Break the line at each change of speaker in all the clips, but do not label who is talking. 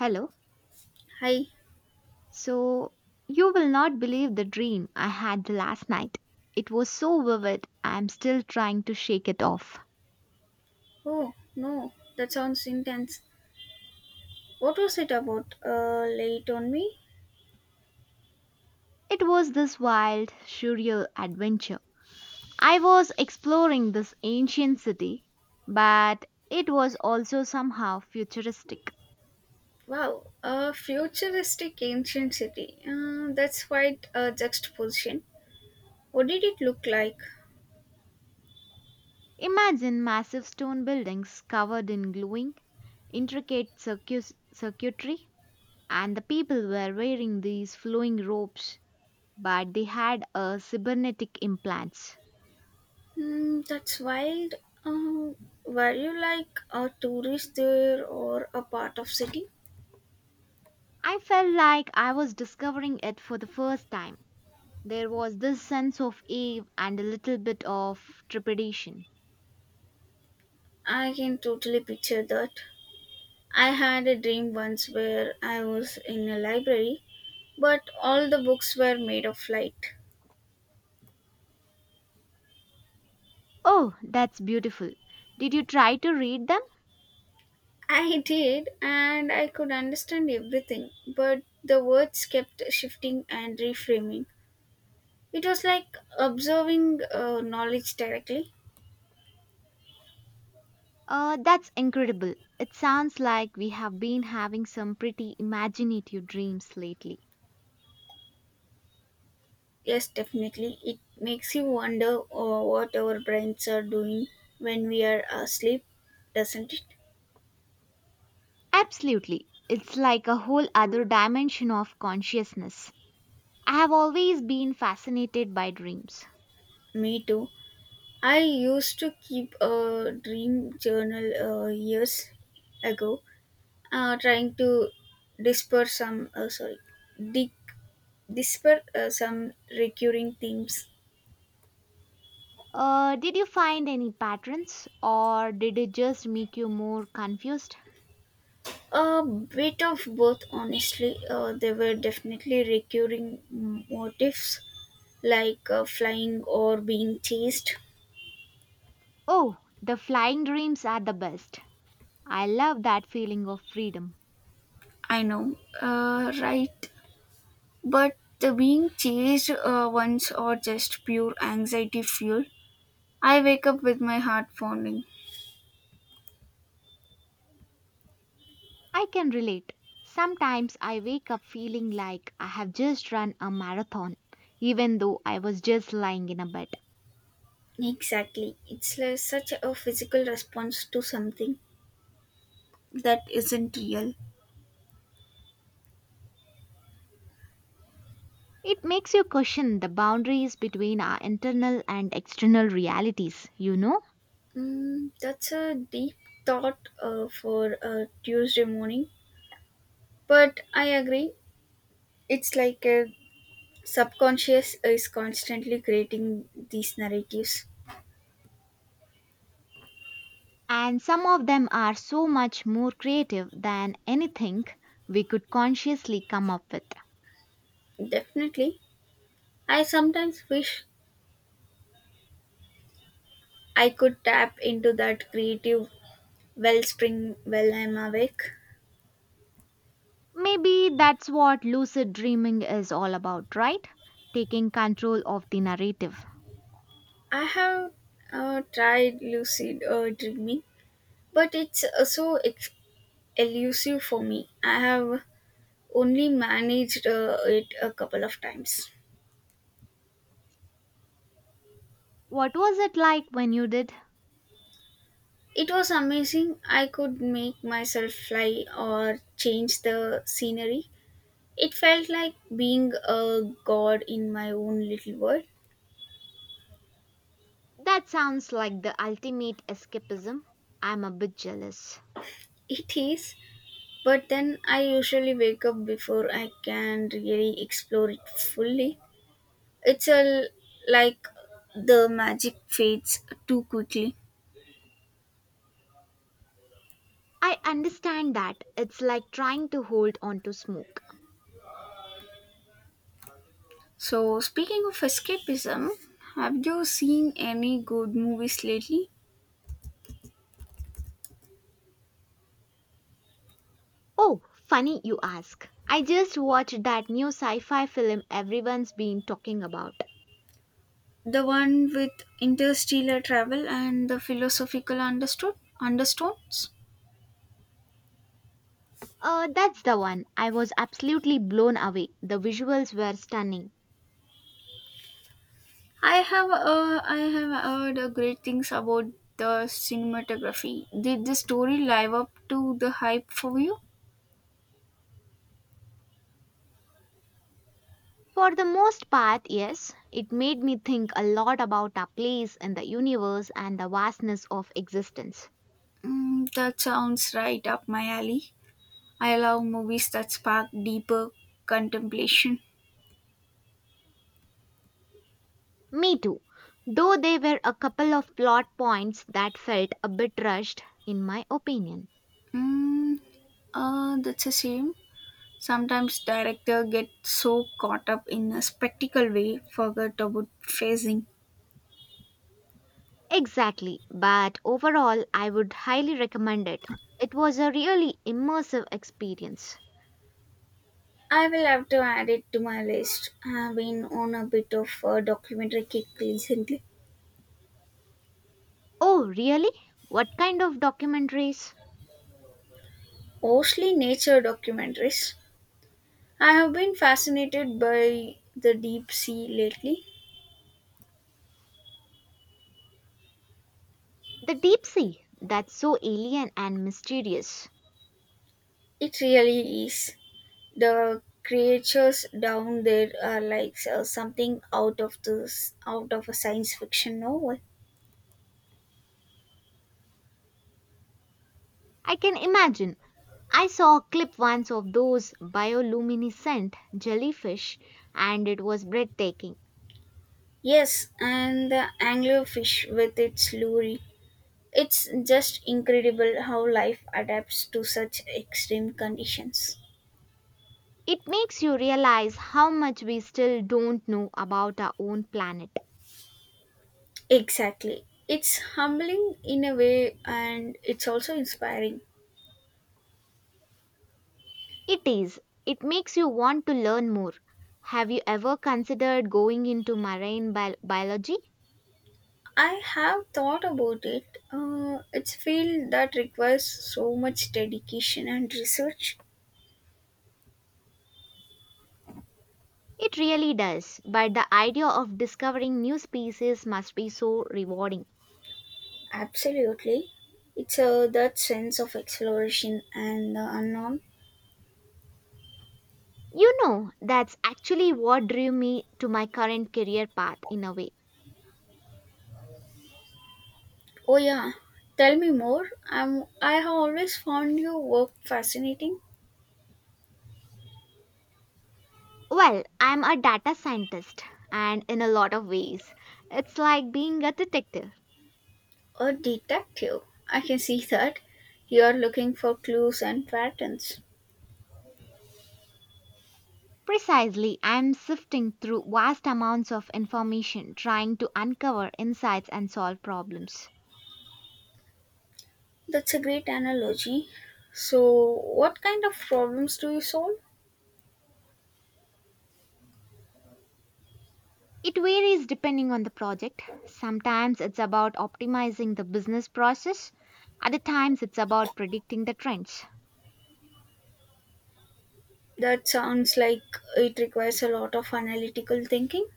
Hello.
Hi.
So, you will not believe the dream I had last night. It was so vivid, I am still trying to shake it off.
Oh, no, that sounds intense. What was it about? Late on me?
It was this wild, surreal adventure. I was exploring this ancient city, but it was also somehow futuristic.
Wow, a futuristic ancient city. That's quite a juxtaposition. What did it look like?
Imagine massive stone buildings covered in glowing, intricate circuitry, and the people were wearing these flowing robes but they had cybernetic implants.
Hmm, that's wild. Um, were you like a tourist there or a part of city?
I felt like I was discovering it for the first time. There was this sense of awe and a little bit of trepidation.
I can totally picture that. I had a dream once where I was in a library, but all the books were made of light.
Oh, that's beautiful. Did you try to read them?
I did, and I could understand everything, but the words kept shifting and reframing. It was like observing knowledge directly.
That's incredible. It sounds like we have been having some pretty imaginative dreams lately.
Yes, definitely. It makes you wonder what our brains are doing when we are asleep, doesn't it?
Absolutely. It's like a whole other dimension of consciousness. I have always been fascinated by dreams.
Me too. I used to keep a dream journal years ago, trying to disperse some, sorry, dig. These were some recurring themes.
Did you find any patterns or did it just make you more confused?
A bit of both, honestly. There were definitely recurring motifs like flying or being chased.
Oh, the flying dreams are the best. I love that feeling of freedom.
I know, right? But the being chased ones are just pure anxiety fuel. I wake up with my heart pounding.
I can relate. Sometimes I wake up feeling like I have just run a marathon, even though I was just lying in a bed.
Exactly. It's like such a physical response to something that isn't real.
It makes you question the boundaries between our internal and external realities, you know?
Mm, that's a deep thought for a Tuesday morning, but I agree. It's like a subconscious is constantly creating these narratives.
And some of them are so much more creative than anything we could consciously come up with.
Definitely. I sometimes wish I could tap into that creative wellspring while I'm awake.
Maybe that's what lucid dreaming is all about, right? Taking control of the narrative.
I have tried lucid dreaming, but it's so elusive for me. I have only managed it a couple of times.
What was it like when you did?
It was amazing. I could make myself fly or change the scenery. It felt like being a god in my own little world.
That sounds like the ultimate escapism. I'm a bit jealous.
It is, but then I usually wake up before I can really explore it fully. It's like the magic fades too quickly.
I understand that. It's like trying to hold on to smoke.
So, speaking of escapism, have you seen any good movies lately?
Oh, funny you ask. I just watched that new sci fi film everyone's been talking about.
The one with interstellar travel and the philosophical understood understones.
That's the one. I was absolutely blown away. The visuals were stunning.
I have heard great things about the cinematography. Did the story live up to the hype for you?
For the most part, yes, it made me think a lot about our place in the universe and the vastness of existence.
Mm, that sounds right up my alley. I love movies that spark deeper contemplation.
Me too. Though there were a couple of plot points that felt a bit rushed, in my opinion.
Mm, that's a shame. Sometimes director get so caught up in a spectacle way forget about phasing.
Exactly, but overall, I would highly recommend it. It was a really immersive experience.
I will have to add it to my list. I've been on a bit of a documentary kick recently,
Oh, really? What kind of documentaries?
mostly nature documentaries. I have been fascinated by the deep sea lately.
The deep sea, that's so alien and mysterious.
It really is. The creatures down there are like something out of the out of a science fiction novel.
I can imagine. I saw a clip once of those bioluminescent jellyfish and it was breathtaking.
Yes, and the anglerfish with its lure. It's just incredible how life adapts to such extreme conditions.
It makes you realize how much we still don't know about our own planet.
Exactly. It's humbling in a way and it's also inspiring.
It is. It makes you want to learn more. Have you ever considered going into biology?
I have thought about it. It's a field that requires so much dedication and research.
It really does, but the idea of discovering new species must be so rewarding.
Absolutely. It's that sense of exploration and the unknown.
You know, that's actually what drew me to my current career path in a way.
Oh yeah, tell me more. I have always found your work fascinating.
Well, I'm a data scientist, and in a lot of ways, it's like being a detective.
A detective. I can see that. You are looking for clues and patterns.
Precisely, I'm sifting through vast amounts of information trying to uncover insights and solve problems.
That's a great analogy. So, what kind of problems do you solve?
It varies depending on the project. Sometimes it's about optimizing the business process, other times it's about predicting the trends.
That sounds like it requires a lot of analytical thinking.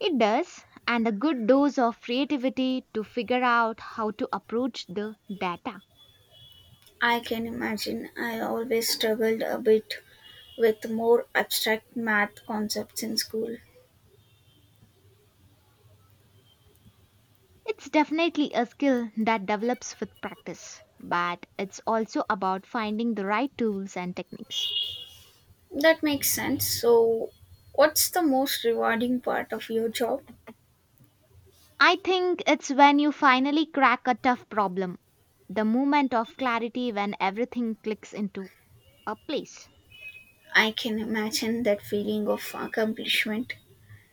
It does, and a good dose of creativity to figure out how to approach the data.
I can imagine I always struggled a bit with more abstract math concepts in school.
It's definitely a skill that develops with practice, but it's also about finding the right tools and techniques.
That makes sense. So, what's the most rewarding part of your job?
I think it's when you finally crack a tough problem, the moment of clarity when everything clicks into a place.
I can imagine that feeling of accomplishment.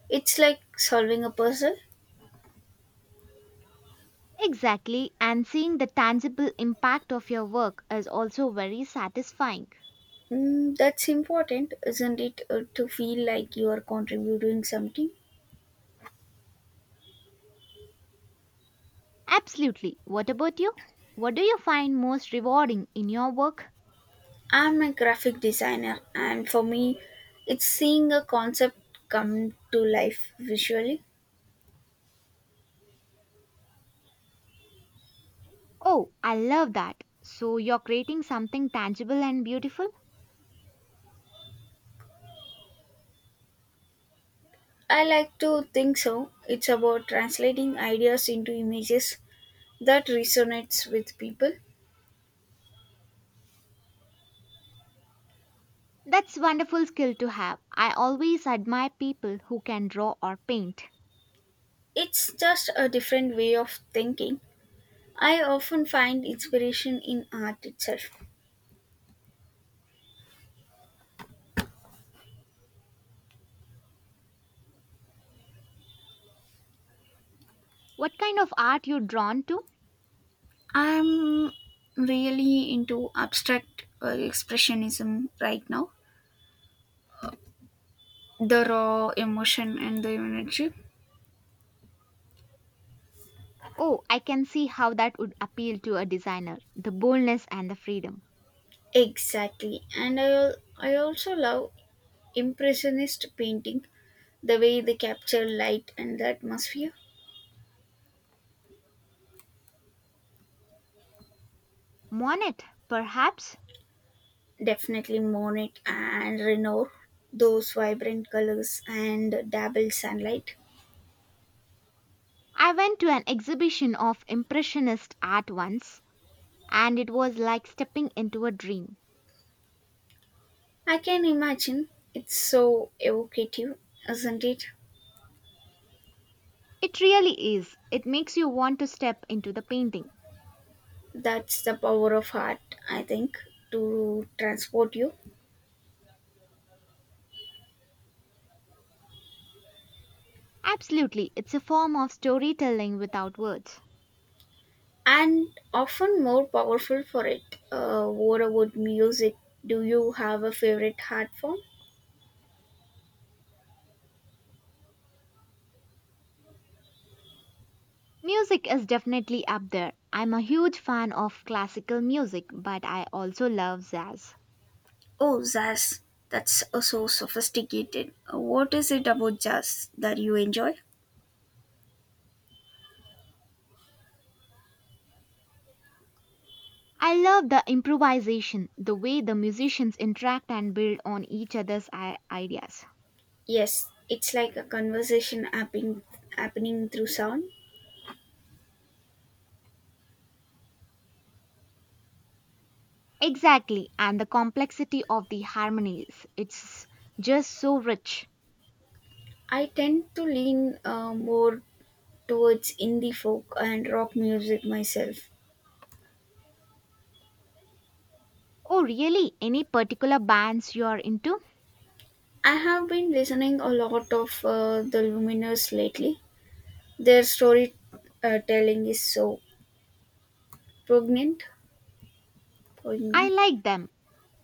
It's like solving a puzzle.
Exactly, and seeing the tangible impact of your work is also very satisfying.
Mm, that's important, isn't it, to feel like you are contributing something?
Absolutely. What about you? What do you find most rewarding in your work?
I'm a graphic designer, and for me, it's seeing a concept come to life visually.
Oh, I love that. So you're creating something tangible and beautiful?
I like to think so. It's about translating ideas into images that resonates with people.
That's wonderful skill to have. I always admire people who can draw or paint.
It's just a different way of thinking. I often find inspiration in art itself.
What kind of art you drawn to?
I'm really into abstract expressionism right now. The raw emotion and the energy.
Oh, I can see how that would appeal to a designer. The boldness and the freedom.
Exactly. And I also love impressionist painting, the way they capture light and the atmosphere.
Monet, perhaps?
Definitely Monet and Renoir, those vibrant colors and dabbled sunlight.
I went to an exhibition of impressionist art once and it was like stepping into a dream.
I can imagine it's so evocative, isn't it?
It really is. It makes you want to step into the painting.
That's the power of art, I think, to transport you.
Absolutely, it's a form of storytelling without words.
And often more powerful for it. Uh, what about music, do you have a favorite art form?
Music is definitely up there. I'm a huge fan of classical music, but I also love jazz.
Oh jazz, that's so sophisticated. What is it about jazz that you enjoy?
I love the improvisation, the way the musicians interact and build on each other's ideas.
Yes, it's like a conversation happening through sound.
Exactly, and the complexity of the harmonies. It's just so rich.
I tend to lean more towards indie folk and rock music myself.
Oh, really? Any particular bands you're into?
I have been listening a lot of the luminous lately. Their story telling is so poignant,
I
poignant.
like them,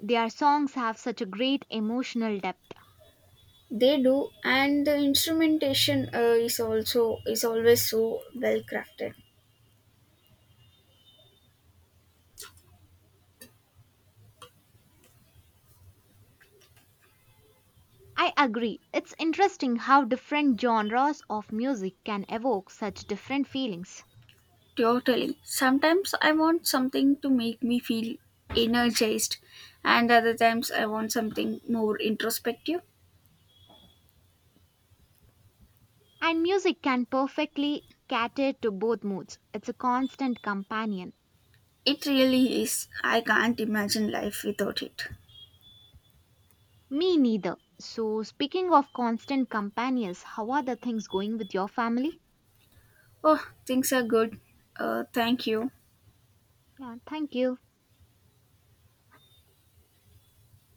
their songs have such a great emotional depth.
They do, and the instrumentation is always so well crafted.
I agree. It's interesting how different genres of music can evoke such different feelings.
Totally. Sometimes I want something to make me feel energized, and other times I want something more introspective.
And music can perfectly cater to both moods. It's a constant companion.
It really is. I can't imagine life without it.
Me neither. So, speaking of constant companions, how are the things going with your family?
Oh, things are good. Thank you.
Yeah, thank you.